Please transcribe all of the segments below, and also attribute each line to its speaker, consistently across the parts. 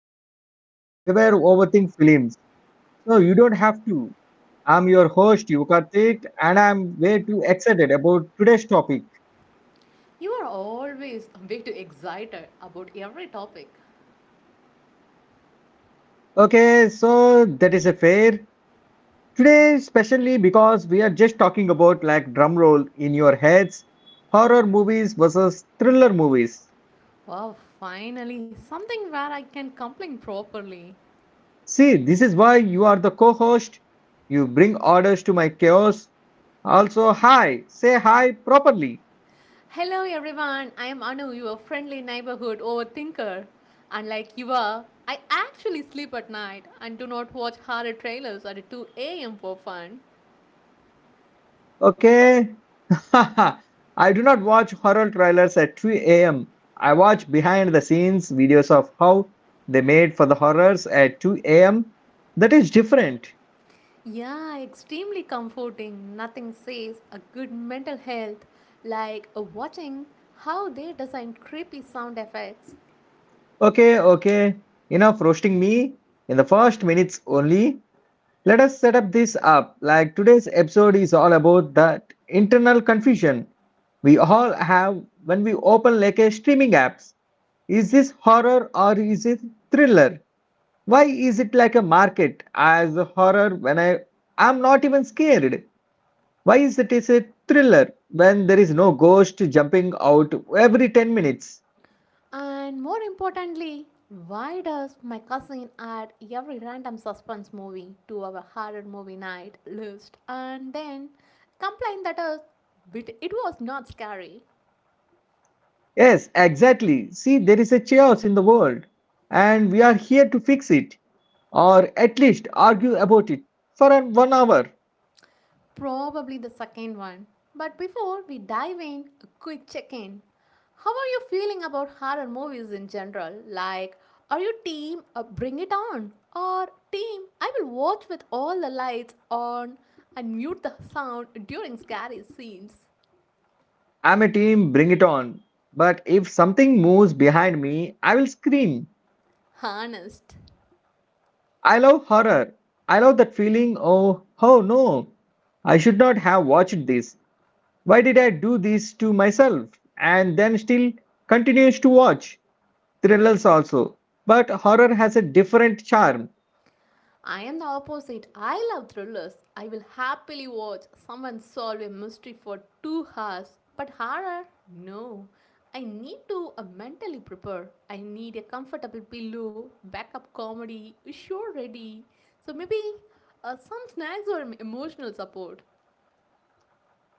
Speaker 1: podcast. We were overthink films, so you don't have to. I'm your host, Yukartik, and I'm way too excited about today's topic.
Speaker 2: You are always way too excited about every topic.
Speaker 1: Okay, so that is a fair. Today, especially because we are just talking about, like, drum roll in your heads, horror movies versus thriller movies.
Speaker 2: Wow, finally, something where I can complain properly.
Speaker 1: See, this is why you are the co-host. You bring orders to my chaos. Also, hi, say hi properly.
Speaker 2: Hello everyone, I am Anu, your friendly neighborhood overthinker. Unlike you are, I actually sleep at night and do not watch horror trailers at 2 a.m. for fun.
Speaker 1: Okay. I do not watch horror trailers at 3 a.m. I watch behind the scenes videos of how they made for the horrors at 2 a.m. That is different.
Speaker 2: Yeah, extremely comforting. Nothing says a good mental health like watching how they design creepy sound effects.
Speaker 1: Okay, okay. Enough roasting me in the first minutes only. Let us set up this up. Like, today's episode is all about that internal confusion we all have when we open like a streaming apps. Is this horror or is it thriller? Why is it like a market as a horror when I'm not even scared? Why is it is a thriller when there is no ghost jumping out every 10 minutes?
Speaker 2: And more importantly, why does my cousin add every random suspense movie to our horror movie night list and then complain that us bit it was not scary?
Speaker 1: Yes, exactly. See, there is a chaos in the world, and we are here to fix it, or at least argue about it for an one hour.
Speaker 2: Probably the second one. But before we dive in, a quick check-in. How are you feeling about horror movies in general? Like, are you team Bring It On or team I will watch with all the lights on and mute the sound during scary scenes?
Speaker 1: I'm a team, bring it on. But if something moves behind me, I will scream.
Speaker 2: Honest.
Speaker 1: I love horror. I love that feeling oh, oh no, I should not have watched this. Why did I do this to myself? And then still continues to watch thrillers also. But horror has a different charm.
Speaker 2: I am the opposite. I love thrillers. I will happily watch someone solve a mystery for 2 hours. But horror? No. I need to mentally prepare. I need a comfortable pillow, backup comedy, sure ready. So maybe some snacks or emotional support.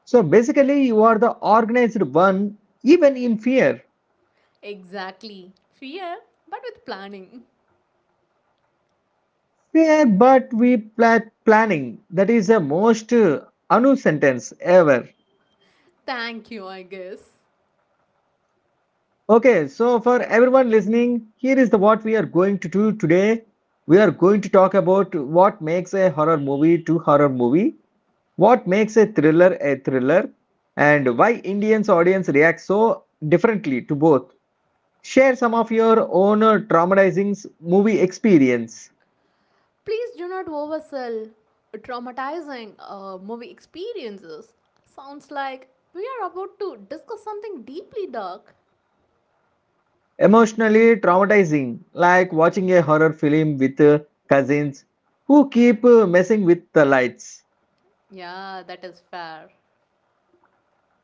Speaker 1: So basically, you are the organized one, even in fear.
Speaker 2: Exactly. Fear, but with planning.
Speaker 1: Fear, but we plan planning. That is the most Anu sentence ever.
Speaker 2: Thank you, I guess.
Speaker 1: Okay, so for everyone listening, here is the what we are going to do today. We are going to talk about what makes a horror movie to horror movie, what makes a thriller, and why Indians audience reacts so differently to both. Share some of your own traumatizing movie experience.
Speaker 2: Please do not oversell traumatizing movie experiences. Sounds like we are about to discuss something deeply dark.
Speaker 1: Emotionally traumatizing, like watching a horror film with cousins who keep messing with the lights.
Speaker 2: Yeah, that is fair.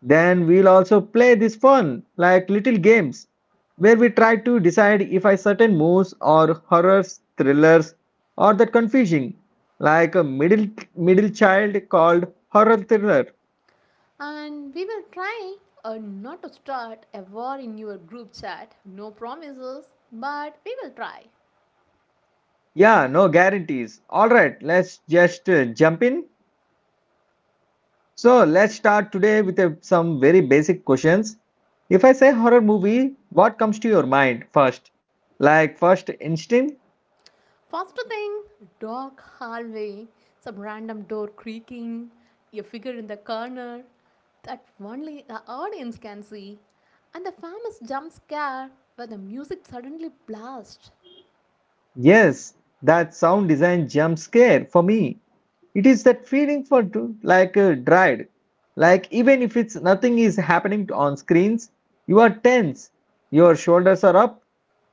Speaker 1: Then we'll also play this fun, like, little games, where we try to decide if a certain moves or horrors, thrillers, or that confusing, like a middle child called horror thriller.
Speaker 2: And we will try not to start a war in your group chat. No promises, but we will try.
Speaker 1: Yeah, no guarantees. All right, let's just jump in. So let's start today with a, some very basic questions. If I say horror movie, what comes to your mind first? Like, first instinct?
Speaker 2: First thing, dark hallway, some random door creaking, a figure in the corner that only the audience can see, and the famous jump scare where the music suddenly blasts.
Speaker 1: Yes, that sound design jump scare for me. It is that feeling for like dread. Like, even if it's nothing is happening on screens, you are tense. Your shoulders are up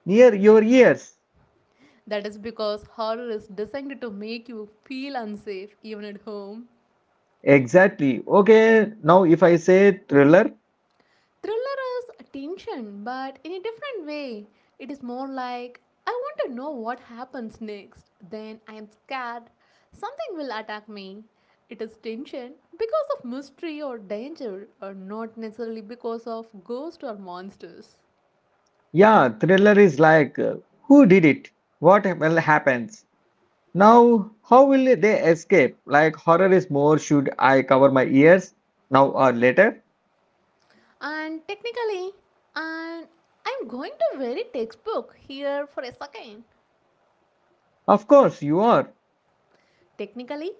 Speaker 1: near your ears.
Speaker 2: That is because horror is designed to make you feel unsafe even at home.
Speaker 1: Exactly. Okay, now if I say thriller,
Speaker 2: Thriller is tension, but in a different way. It is more like I want to know what happens next. Then I am scared. Something will attack me. It is tension because of mystery or danger, or not necessarily because of ghosts or monsters.
Speaker 1: yeah, thriller is like, who did it? What will happens? Now, how will they escape? Like, horror is more should I cover my ears now or later?
Speaker 2: And technically, and I'm going to very textbook here for a second.
Speaker 1: Of course you are,
Speaker 2: Technically,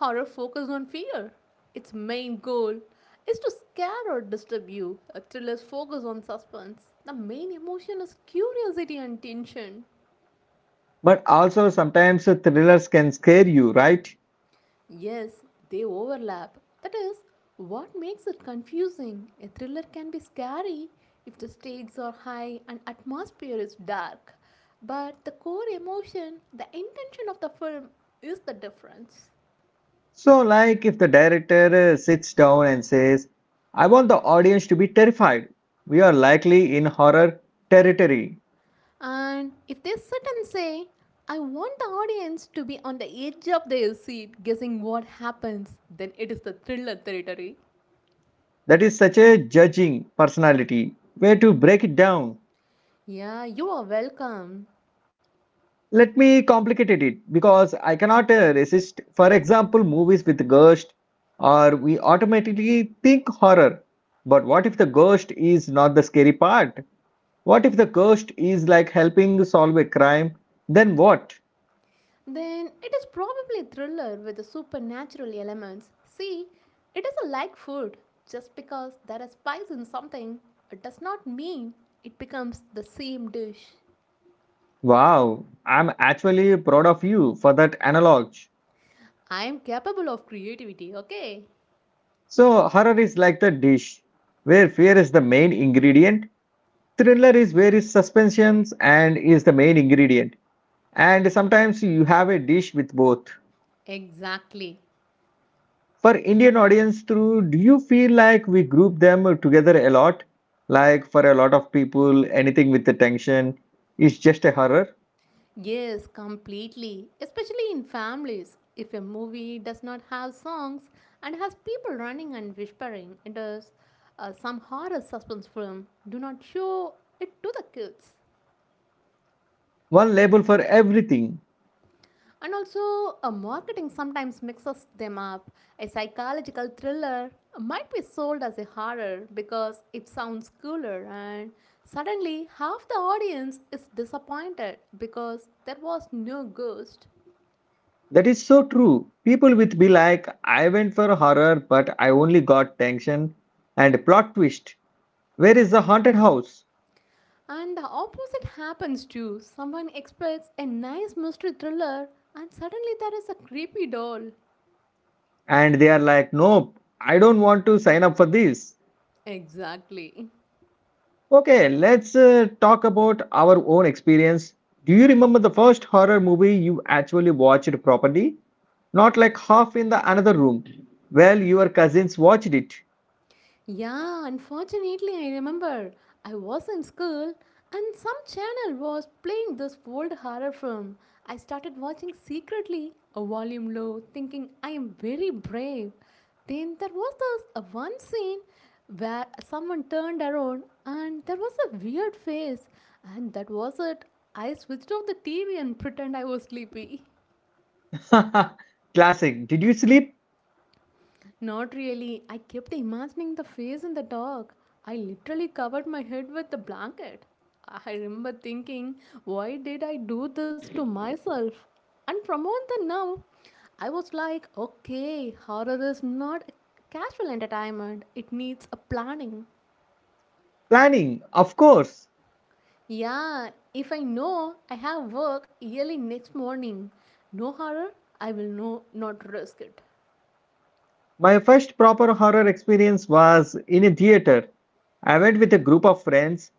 Speaker 2: horror focuses on fear. Its main goal is to scare or disturb you. A thriller's focus on suspense. The main emotion is curiosity and tension.
Speaker 1: but also sometimes thrillers can scare you, right?
Speaker 2: Yes, they overlap. That is what makes it confusing. A thriller can be scary if the stakes are high and atmosphere is dark. But the core emotion, the intention of the film is the difference.
Speaker 1: So like, if the director sits down and says, I want the audience to be terrified. We are likely in horror territory.
Speaker 2: And if they sit and say, I want the audience to be on the edge of their seat guessing what happens, then it is the thriller territory.
Speaker 1: That is such a judging personality. Way to break it down.
Speaker 2: Yeah, you are welcome.
Speaker 1: Let me complicate it because I cannot resist. For example, movies with ghost, or we automatically think horror. But what if the ghost is not the scary part? What if the ghost is like helping solve a crime? Then what?
Speaker 2: Then it is probably thriller with the supernatural elements. See, it is a like food. Just because there is spice in something, it does not mean it becomes the same dish.
Speaker 1: Wow, I'm actually proud of you for that analog.
Speaker 2: I am capable of creativity, okay?
Speaker 1: So, horror is like the dish where fear is the main ingredient. Thriller is where is suspensions and is the main ingredient. And sometimes you have a dish with both.
Speaker 2: Exactly.
Speaker 1: For Indian audience too, do you feel like we group them together a lot? Like, for a lot of people, anything with the tension is just a horror.
Speaker 2: Yes, completely. Especially in families. If a movie does not have songs and has people running and whispering, it is some horror suspense film. Do not show it to the kids.
Speaker 1: One label for everything.
Speaker 2: And also, marketing sometimes mixes them up. A psychological thriller might be sold as a horror because it sounds cooler, and suddenly half the audience is disappointed because there was no ghost.
Speaker 1: That is so true. People would be like, I went for horror, but I only got tension and plot twist. Where is the haunted house?
Speaker 2: And the opposite happens too. Someone expects a nice mystery thriller, and suddenly there is a creepy doll.
Speaker 1: And they are like, nope, I don't want to sign up for this.
Speaker 2: Exactly.
Speaker 1: Okay, let's talk about our own experience. Do you remember the first horror movie you actually watched properly? Not like half in the another room. Well, your cousins watched it.
Speaker 2: Yeah, unfortunately, I remember I was in school and some channel was playing this old horror film. I started watching secretly, a volume low, thinking I am very brave. Then there was this one scene where someone turned around and there was a weird face, and that was it. I switched off the TV and pretend I was sleepy.
Speaker 1: Classic. Did you sleep?
Speaker 2: Not really. I kept imagining the face in the dog. I literally covered my head with the blanket. I remember thinking, why did I do this to myself? And from on the now, I was like, okay, horror is not a casual entertainment. It needs a planning.
Speaker 1: Planning, of course.
Speaker 2: Yeah, if I know I have work early next morning, no horror, I will not risk it.
Speaker 1: My first proper horror experience was in a theater. I went with a group of friends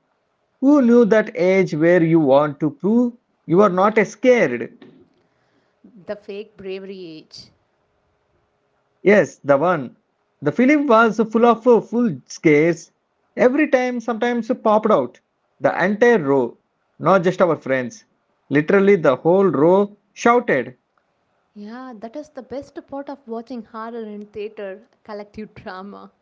Speaker 1: who knew that age where you want to prove you are not scared.
Speaker 2: The fake bravery age.
Speaker 1: Yes, the one. The film was full of full scares. Every time, sometimes popped out. The entire row, not just our friends. Literally, the whole row shouted.
Speaker 2: Yeah, that is the best part of watching horror in theater, collective drama.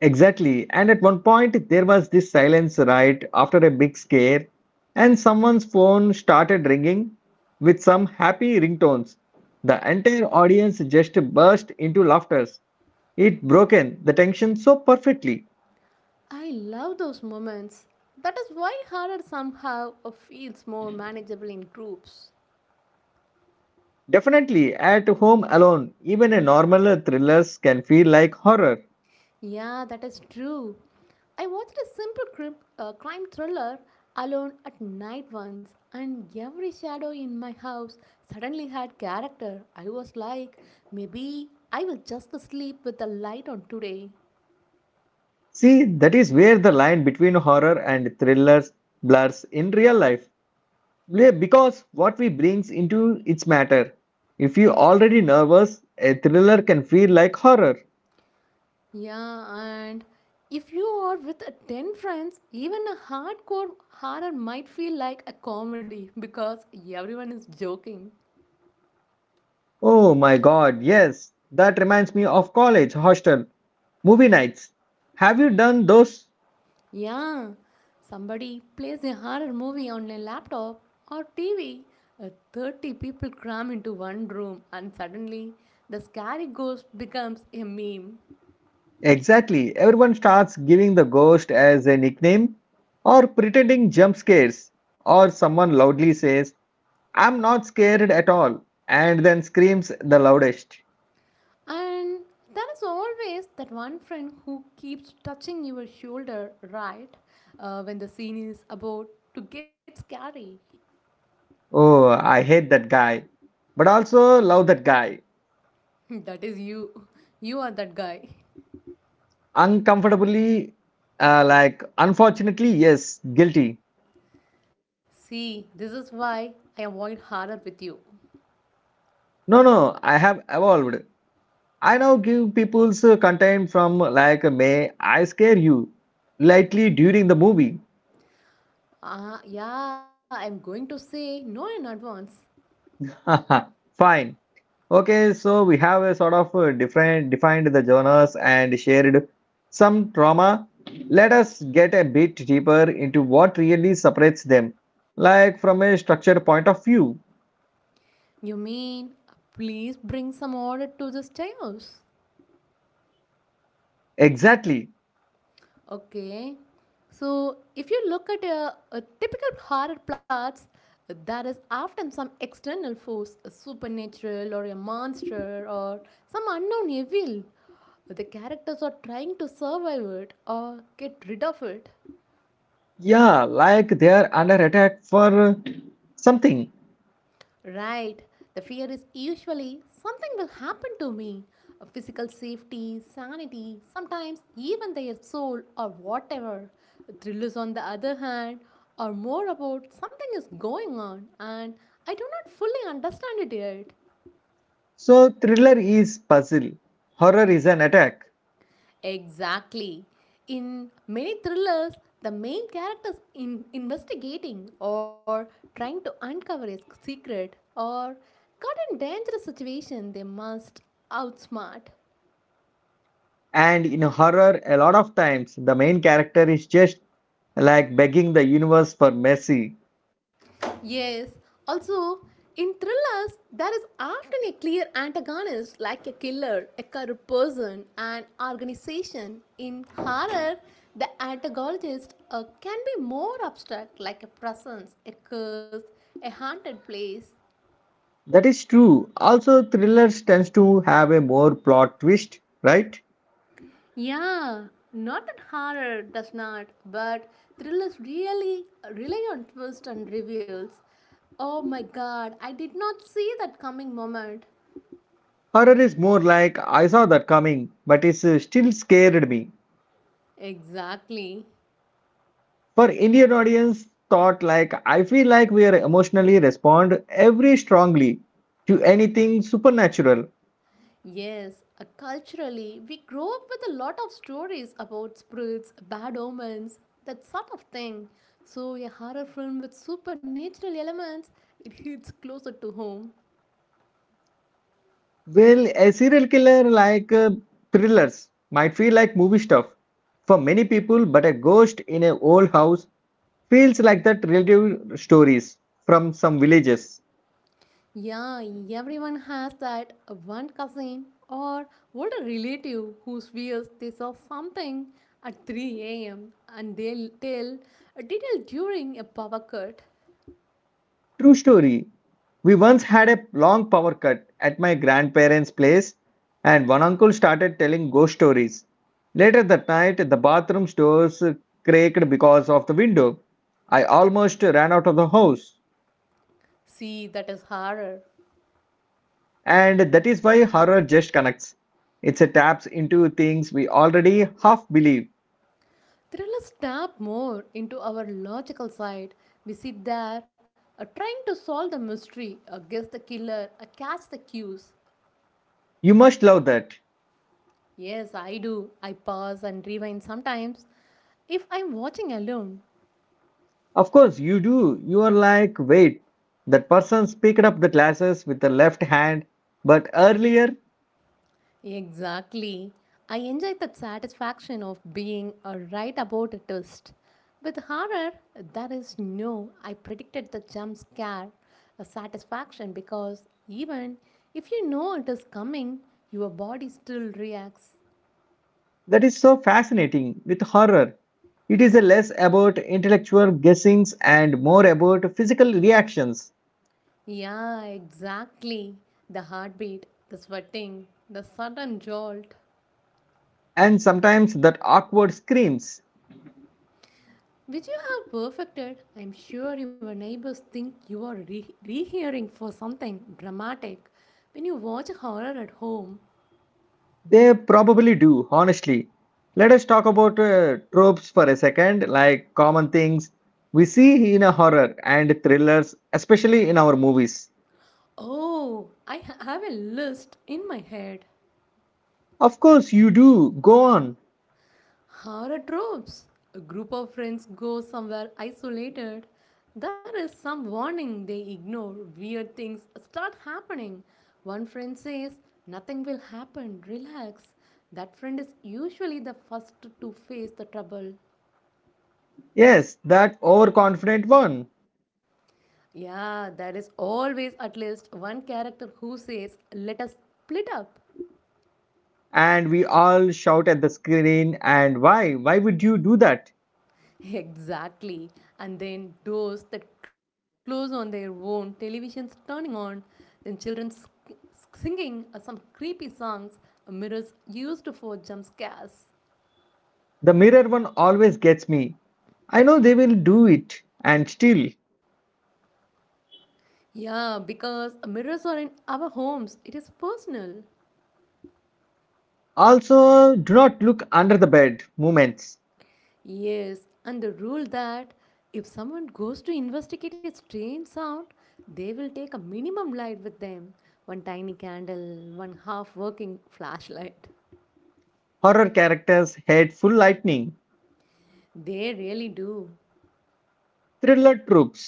Speaker 1: Exactly. And at one point, there was this silence right after a big scare, and someone's phone started ringing with some happy ringtones. The entire audience just burst into laughters. It broken the tension so perfectly.
Speaker 2: I love those moments. That is why horror somehow feels more manageable in groups.
Speaker 1: Definitely, at home alone, even a normal thrillers can feel like horror.
Speaker 2: Yeah, that is true. I watched a simple crime thriller alone at night once, and every shadow in my house suddenly had character. I was like, maybe I will just sleep with the light on today.
Speaker 1: See, that is where the line between horror and thrillers blurs in real life. Yeah, because what we brings into its matter. If you already nervous, a thriller can feel like horror.
Speaker 2: Yeah, and if you are with a 10 friends, even a hardcore horror might feel like a comedy because everyone is joking.
Speaker 1: Oh my god, yes. That reminds me of college hostel movie nights. Have you done those?
Speaker 2: Yeah, somebody plays a horror movie on a laptop or TV. 30 people cram into one room, and suddenly the scary ghost becomes a meme.
Speaker 1: Exactly. Everyone starts giving the ghost as a nickname or pretending jump scares, or someone loudly says, I'm not scared at all, and then screams the loudest.
Speaker 2: And there is always that one friend who keeps touching your shoulder, right? When the scene is about to get scary.
Speaker 1: Oh, I hate that guy, but also love that guy.
Speaker 2: That is you. You are that guy.
Speaker 1: Uncomfortably, like, unfortunately, yes, guilty.
Speaker 2: See, this is why I avoid horror with you.
Speaker 1: No, no, I have evolved. I now give people's content from like, may I scare you lightly during the movie.
Speaker 2: Ah, yeah, I'm going to say no in advance.
Speaker 1: Fine. Okay, so we have a sort of different defined the genres and shared some trauma. Let us get a bit deeper into what really separates them, like from a structured point of view.
Speaker 2: You mean, please bring some order to this chaos?
Speaker 1: Exactly.
Speaker 2: Okay. So, if you look at a typical horror plots, there is often some external force, a supernatural or a monster or some unknown evil. The characters are trying to survive it or get rid of it.
Speaker 1: Yeah, like they are under attack for something.
Speaker 2: Right. The fear is usually something will happen to me. A physical safety, sanity, sometimes even their soul or whatever. Thrillers, on the other hand, are more about something is going on and I do not fully understand it yet.
Speaker 1: So thriller is puzzle, horror is an attack,
Speaker 2: Exactly. In many thrillers, the main character is in investigating or trying to uncover a secret or caught in dangerous situation they must outsmart.
Speaker 1: and in horror, a lot of times the main character is just like begging the universe for mercy.
Speaker 2: Yes. Also, in thrillers, there is often a clear antagonist like a killer, a corrupt person, an organization. In horror, the antagonist can be more abstract like a presence, a curse, a haunted place.
Speaker 1: That is true. Also, thrillers tends to have a more plot twist, right?
Speaker 2: Yeah, not that horror does not, but thrillers really rely on twists and reveals. Oh my god, I did not see that coming moment.
Speaker 1: Horror is more like I saw that coming, but it still scared me.
Speaker 2: Exactly.
Speaker 1: For Indian audience, thought like I feel like we are emotionally respond every strongly to anything supernatural.
Speaker 2: Yes, culturally, we grow up with a lot of stories about spirits, bad omens, that sort of thing. So, a horror film with supernatural elements, it hits closer to home.
Speaker 1: Well, a serial killer like thrillers might feel like movie stuff for many people, but a ghost in an old house feels like that relative stories from some villages.
Speaker 2: Yeah, everyone has that one cousin or older relative who swears they saw something at 3 a.m. and they'll tell a detail during a power cut.
Speaker 1: True story. We once had a long power cut at my grandparents' place, and one uncle started telling ghost stories. Later that night, the bathroom's doors creaked because of the window. I almost ran out of the house.
Speaker 2: See, that is horror.
Speaker 1: And that is why horror just connects. It taps into things we already half believe.
Speaker 2: Thrillers tap more into our logical side. We sit there trying to solve the mystery, guess the killer, catch the cues.
Speaker 1: You must love that.
Speaker 2: Yes, I do. I pause and rewind sometimes if I'm watching alone.
Speaker 1: Of course, you do. You are like, wait, that person's picked up the glasses with the left hand, but earlier.
Speaker 2: Exactly. I enjoy that satisfaction of being a right about a twist. With horror, there is no I predicted the jump scare a satisfaction because even if you know it is coming, your body still reacts.
Speaker 1: That is so fascinating with horror. It is less about intellectual guessings and more about physical reactions,
Speaker 2: Yeah, exactly. The heartbeat, the sweating, the sudden jolt.
Speaker 1: and sometimes that awkward screams.
Speaker 2: Which you have perfected. I'm sure your neighbors think you are rehearing for something dramatic when you watch horror at home.
Speaker 1: They probably do, honestly. Let us talk about tropes for a second, like common things we see in a horror and thrillers, especially in our movies.
Speaker 2: Oh, I have a list in my head.
Speaker 1: Of course, you do. Go on.
Speaker 2: Horror tropes. A group of friends go somewhere isolated. There is some warning they ignore. Weird things start happening. One friend says, Nothing will happen, relax. That friend is usually the first to face the trouble.
Speaker 1: Yes, that overconfident one.
Speaker 2: Yeah, there is always at least one character who says, Let us split up.
Speaker 1: And we all shout at the screen, and why? Why would you do that?
Speaker 2: Exactly. And then doors that close on their own, televisions turning on, then children singing some creepy songs, mirrors used for jump scares.
Speaker 1: The mirror one always gets me. I know they will do it, and still.
Speaker 2: Yeah, because mirrors are in our homes, it is personal.
Speaker 1: Also, do not look under the bed moments.
Speaker 2: Yes, and the rule that if someone goes to investigate a strange sound, they will take a minimum light with them one tiny candle, one half working flashlight.
Speaker 1: Horror characters hate full lightning,
Speaker 2: They really do.
Speaker 1: thriller tropes,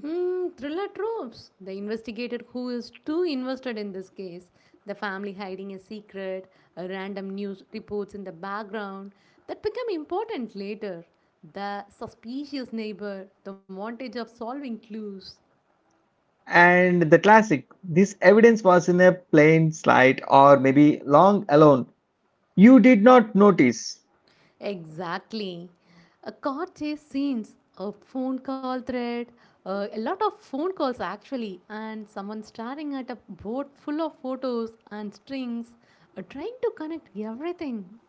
Speaker 2: Thriller tropes. The investigator who is too invested in this case, the family hiding a secret, a random news reports in the background that become important later, the suspicious neighbor, the montage of solving clues.
Speaker 1: and the classic. This evidence was in a plain slide or maybe long alone. You did not notice.
Speaker 2: Exactly. A car chase scenes, a phone call thread, a lot of phone calls actually, and someone staring at a board full of photos and strings, trying to connect everything.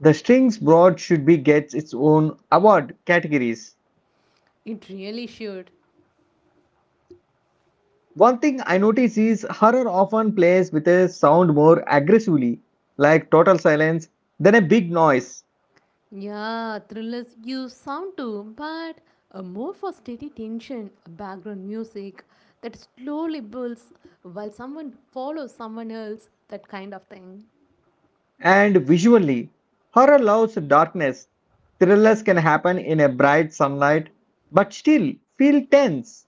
Speaker 1: The strings broad should be gets its own award categories.
Speaker 2: It really should.
Speaker 1: One thing I notice is horror often plays with a sound more aggressively, like total silence, than a big noise.
Speaker 2: Yeah, thrillers use sound too, but more for steady tension, background music that slowly builds while someone follows someone else, that kind of thing.
Speaker 1: And visually, horror loves darkness. Thrillers can happen in a bright sunlight, but still feel tense.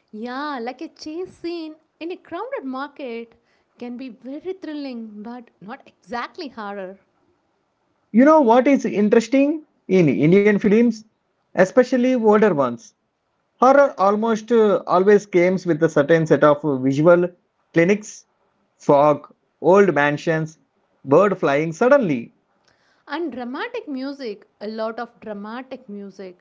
Speaker 2: Yeah, like a chase scene in a crowded market can be very thrilling, but not exactly horror.
Speaker 1: You know what is interesting in Indian films, especially older ones? Horror almost always comes with a certain set of visual clinics, fog, old mansions, bird flying suddenly.
Speaker 2: And dramatic music, a lot of dramatic music.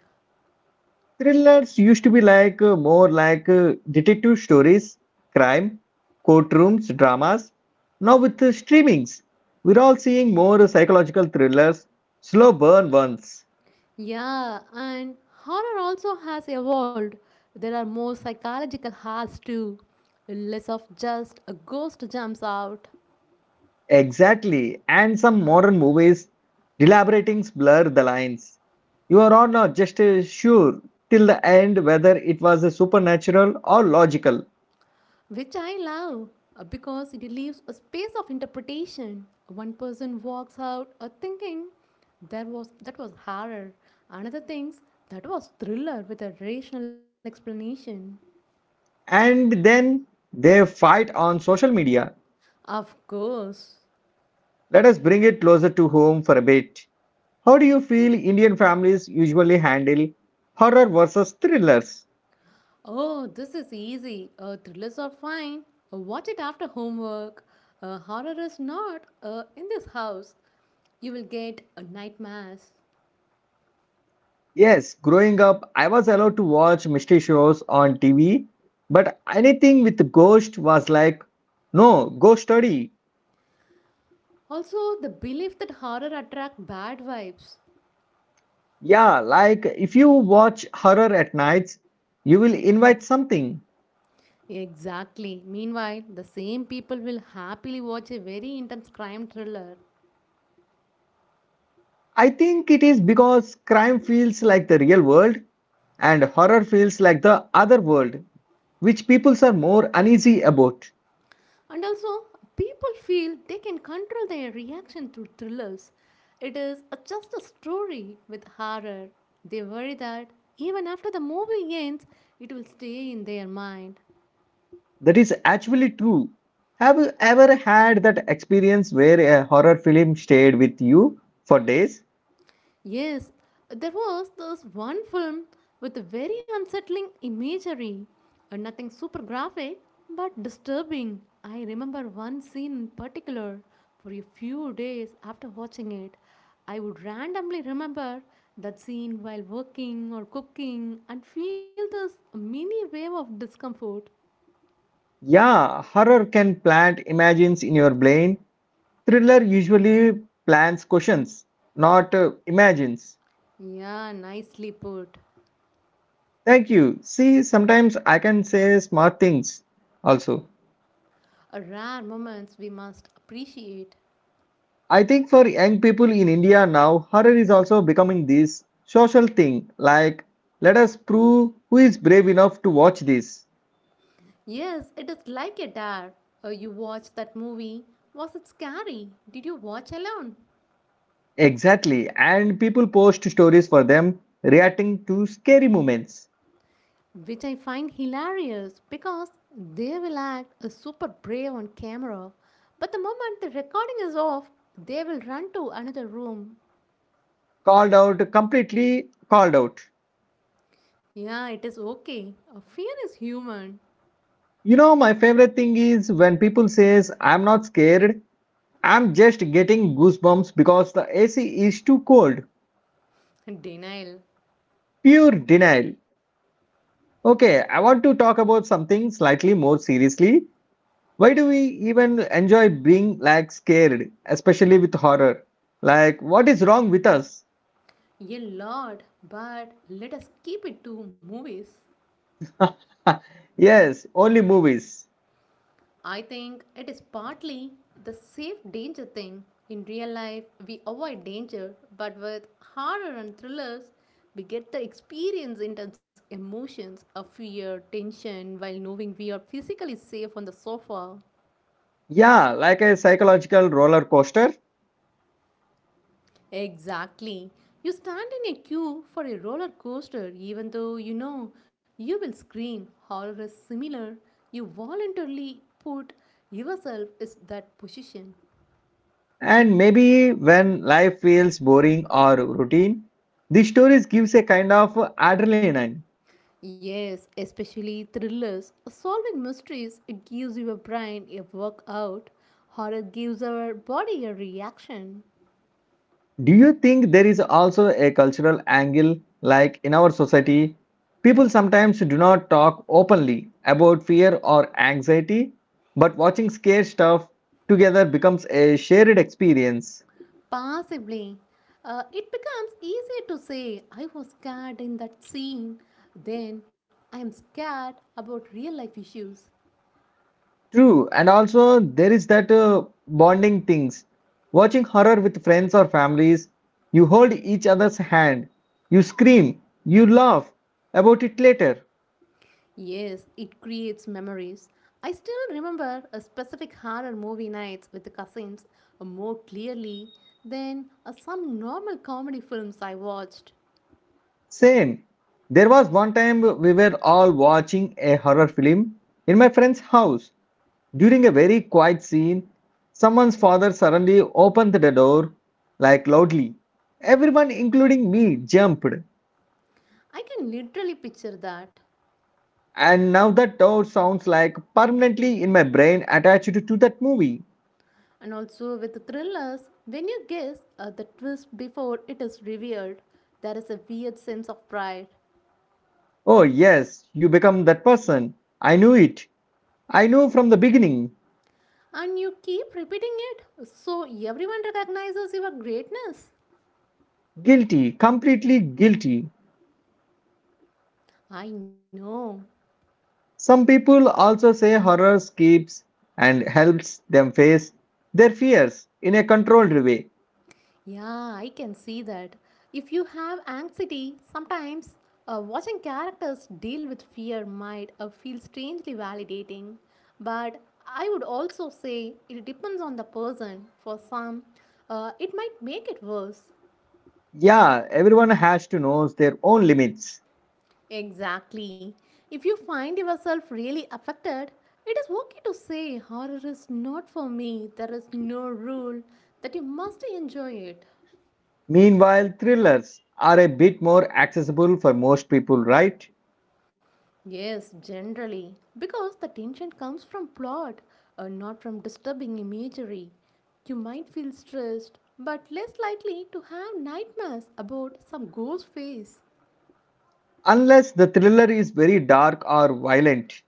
Speaker 1: Thrillers used to be like more like detective stories, crime, courtrooms, dramas. Now with streamings, we're all seeing more psychological thrillers, slow burn ones.
Speaker 2: Yeah, and horror also has evolved. There are more psychological horrors too, less of just a ghost jumps out.
Speaker 1: Exactly, and some modern movies elaborating blur the lines. You are all not just sure till the end whether it was a supernatural or logical.
Speaker 2: Which I love because it leaves a space of interpretation. One person walks out thinking that was horror. Another thinks that was thriller with a rational explanation.
Speaker 1: And then they fight on social media.
Speaker 2: Of course.
Speaker 1: Let us bring it closer to home for a bit. How do you feel Indian families usually handle horror versus thrillers?
Speaker 2: Oh, this is easy. Thrillers are fine. Watch it after homework. Horror is not in this house. You will get a nightmares.
Speaker 1: Yes, growing up, I was allowed to watch mystery shows on TV, but anything with ghost was like, no, ghost story.
Speaker 2: Also, the belief that horror attract bad vibes.
Speaker 1: Yeah, like if you watch horror at nights, you will invite something.
Speaker 2: Exactly. Meanwhile, the same people will happily watch a very intense crime thriller.
Speaker 1: I think it is because crime feels like the real world and horror feels like the other world, which peoples are more uneasy about.
Speaker 2: And also, people feel they can control their reaction to thrillers. Just a story with horror. They worry that even after the movie ends, it will stay in their mind.
Speaker 1: That is actually true. Have you ever had that experience where a horror film stayed with you for days?
Speaker 2: Yes, there was this one film with a very unsettling imagery. Nothing super graphic, but disturbing. I remember one scene in particular. For a few days after watching it, I would randomly remember that scene while working or cooking and feel this mini wave of discomfort.
Speaker 1: Yeah, horror can plant imagines in your brain. Thriller usually plants questions, not imagines.
Speaker 2: Yeah, nicely put.
Speaker 1: Thank you. See, sometimes I can say smart things also.
Speaker 2: A rare moments we must appreciate.
Speaker 1: I think for young people in India now, horror is also becoming this social thing. Like, let us prove who is brave enough to watch this.
Speaker 2: Yes, it is like a dare. You watched that movie. Was it scary? Did you watch alone?
Speaker 1: Exactly. And people post stories for them reacting to scary moments.
Speaker 2: Which I find hilarious because they will act super brave on camera, but the moment the recording is off, they will run to another room.
Speaker 1: Called out, completely called out.
Speaker 2: Yeah, it is okay. Fear is human.
Speaker 1: You know, my favorite thing is when people says, I'm not scared. I'm just getting goosebumps because the AC is too cold.
Speaker 2: And denial.
Speaker 1: Pure denial. Okay, I want to talk about something slightly more seriously. Why do we even enjoy being like scared, especially with horror? Like, what is wrong with us?
Speaker 2: A lot, but let us keep it to movies.
Speaker 1: Yes, only movies.
Speaker 2: I think it is partly the safe danger thing. In real life, we avoid danger, but with horror and thrillers, we get the experience intense emotions of fear, tension, while knowing we are physically safe on the sofa.
Speaker 1: Yeah, like a psychological roller coaster.
Speaker 2: Exactly. You stand in a queue for a roller coaster, even though you know you will scream. Horror is similar. You voluntarily put yourself in that position.
Speaker 1: And maybe when life feels boring or routine, these stories gives a kind of adrenaline.
Speaker 2: Yes, especially thrillers. Solving mysteries, it gives your brain a workout. Horror gives our body a reaction.
Speaker 1: Do you think there is also a cultural angle? Like, in our society, people sometimes do not talk openly about fear or anxiety, but watching scare stuff together becomes a shared experience.
Speaker 2: Possibly. It becomes easier to say, I was scared in that scene, then I am scared about real life issues.
Speaker 1: True, and also there is that bonding things. Watching horror with friends or families, you hold each other's hand, you scream, you laugh about it later.
Speaker 2: Yes, it creates memories. I still remember a specific horror movie nights with the cousins more clearly than some normal comedy films I watched.
Speaker 1: Same. There was one time we were all watching a horror film in my friend's house. During a very quiet scene, someone's father suddenly opened the door, like loudly. Everyone, including me, jumped.
Speaker 2: I can literally picture that.
Speaker 1: And now that door sounds like permanently in my brain attached to that movie.
Speaker 2: And also with thrillers, when you guess the twist before it is revealed, there is a weird sense of pride.
Speaker 1: Oh, yes, you become that person. I knew it. I knew from the beginning.
Speaker 2: And you keep repeating it, so everyone recognizes your greatness.
Speaker 1: Guilty, completely guilty.
Speaker 2: I know.
Speaker 1: Some people also say horror keeps and helps them face their fears in a controlled way.
Speaker 2: Yeah, I can see that. If you have anxiety, sometimes watching characters deal with fear might feel strangely validating. But I would also say it depends on the person. For some, it might make it worse.
Speaker 1: Yeah, everyone has to know their own limits.
Speaker 2: Exactly. If you find yourself really affected, it is okay to say horror is not for me. There is no rule that you must enjoy it.
Speaker 1: Meanwhile, thrillers are a bit more accessible for most people, right?
Speaker 2: Yes, generally. Because the tension comes from plot and not from disturbing imagery. You might feel stressed, but less likely to have nightmares about some ghost face.
Speaker 1: Unless the thriller is very dark or violent.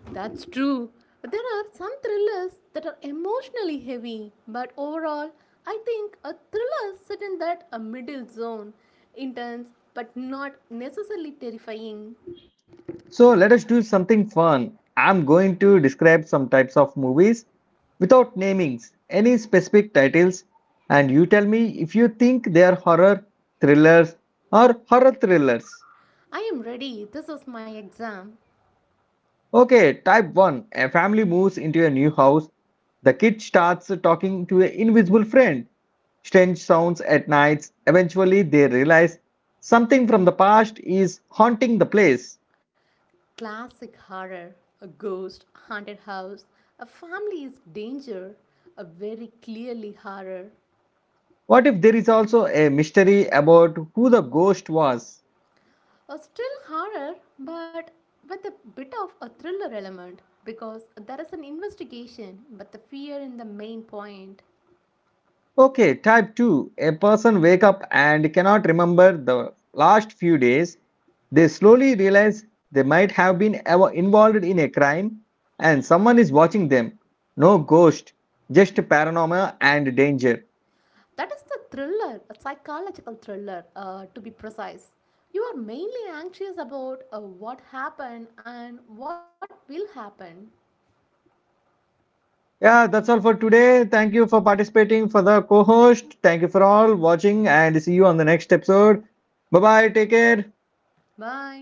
Speaker 2: That's true. There are some thrillers that are emotionally heavy, but overall, I think a thriller set in that a middle zone, intense but not necessarily terrifying.
Speaker 1: So let us do something fun. I'm going to describe some types of movies without namings, any specific titles, and you tell me if you think they are horror thrillers or horror thrillers.
Speaker 2: I am ready. This is my exam.
Speaker 1: Okay, type 1, a family moves into a new house. The kid starts talking to an invisible friend. Strange sounds at nights. Eventually, they realize something from the past is haunting the place.
Speaker 2: Classic horror, a ghost, haunted house, a family is danger, a very clearly horror.
Speaker 1: What if there is also a mystery about who the ghost was?
Speaker 2: A still horror, but with a bit of a thriller element because there is an investigation, but the fear in the main point.
Speaker 1: Okay, type 2. A person wake up and cannot remember the last few days. They slowly realize they might have been involved in a crime and someone is watching them. No ghost, just paranormal and danger.
Speaker 2: That is the thriller, a psychological thriller, to be precise. You are mainly anxious about what happened and what will happen.
Speaker 1: Yeah, that's all for today. Thank you for participating for the co-host. Thank you for all watching and see you on the next episode. Bye bye, take care.
Speaker 2: Bye.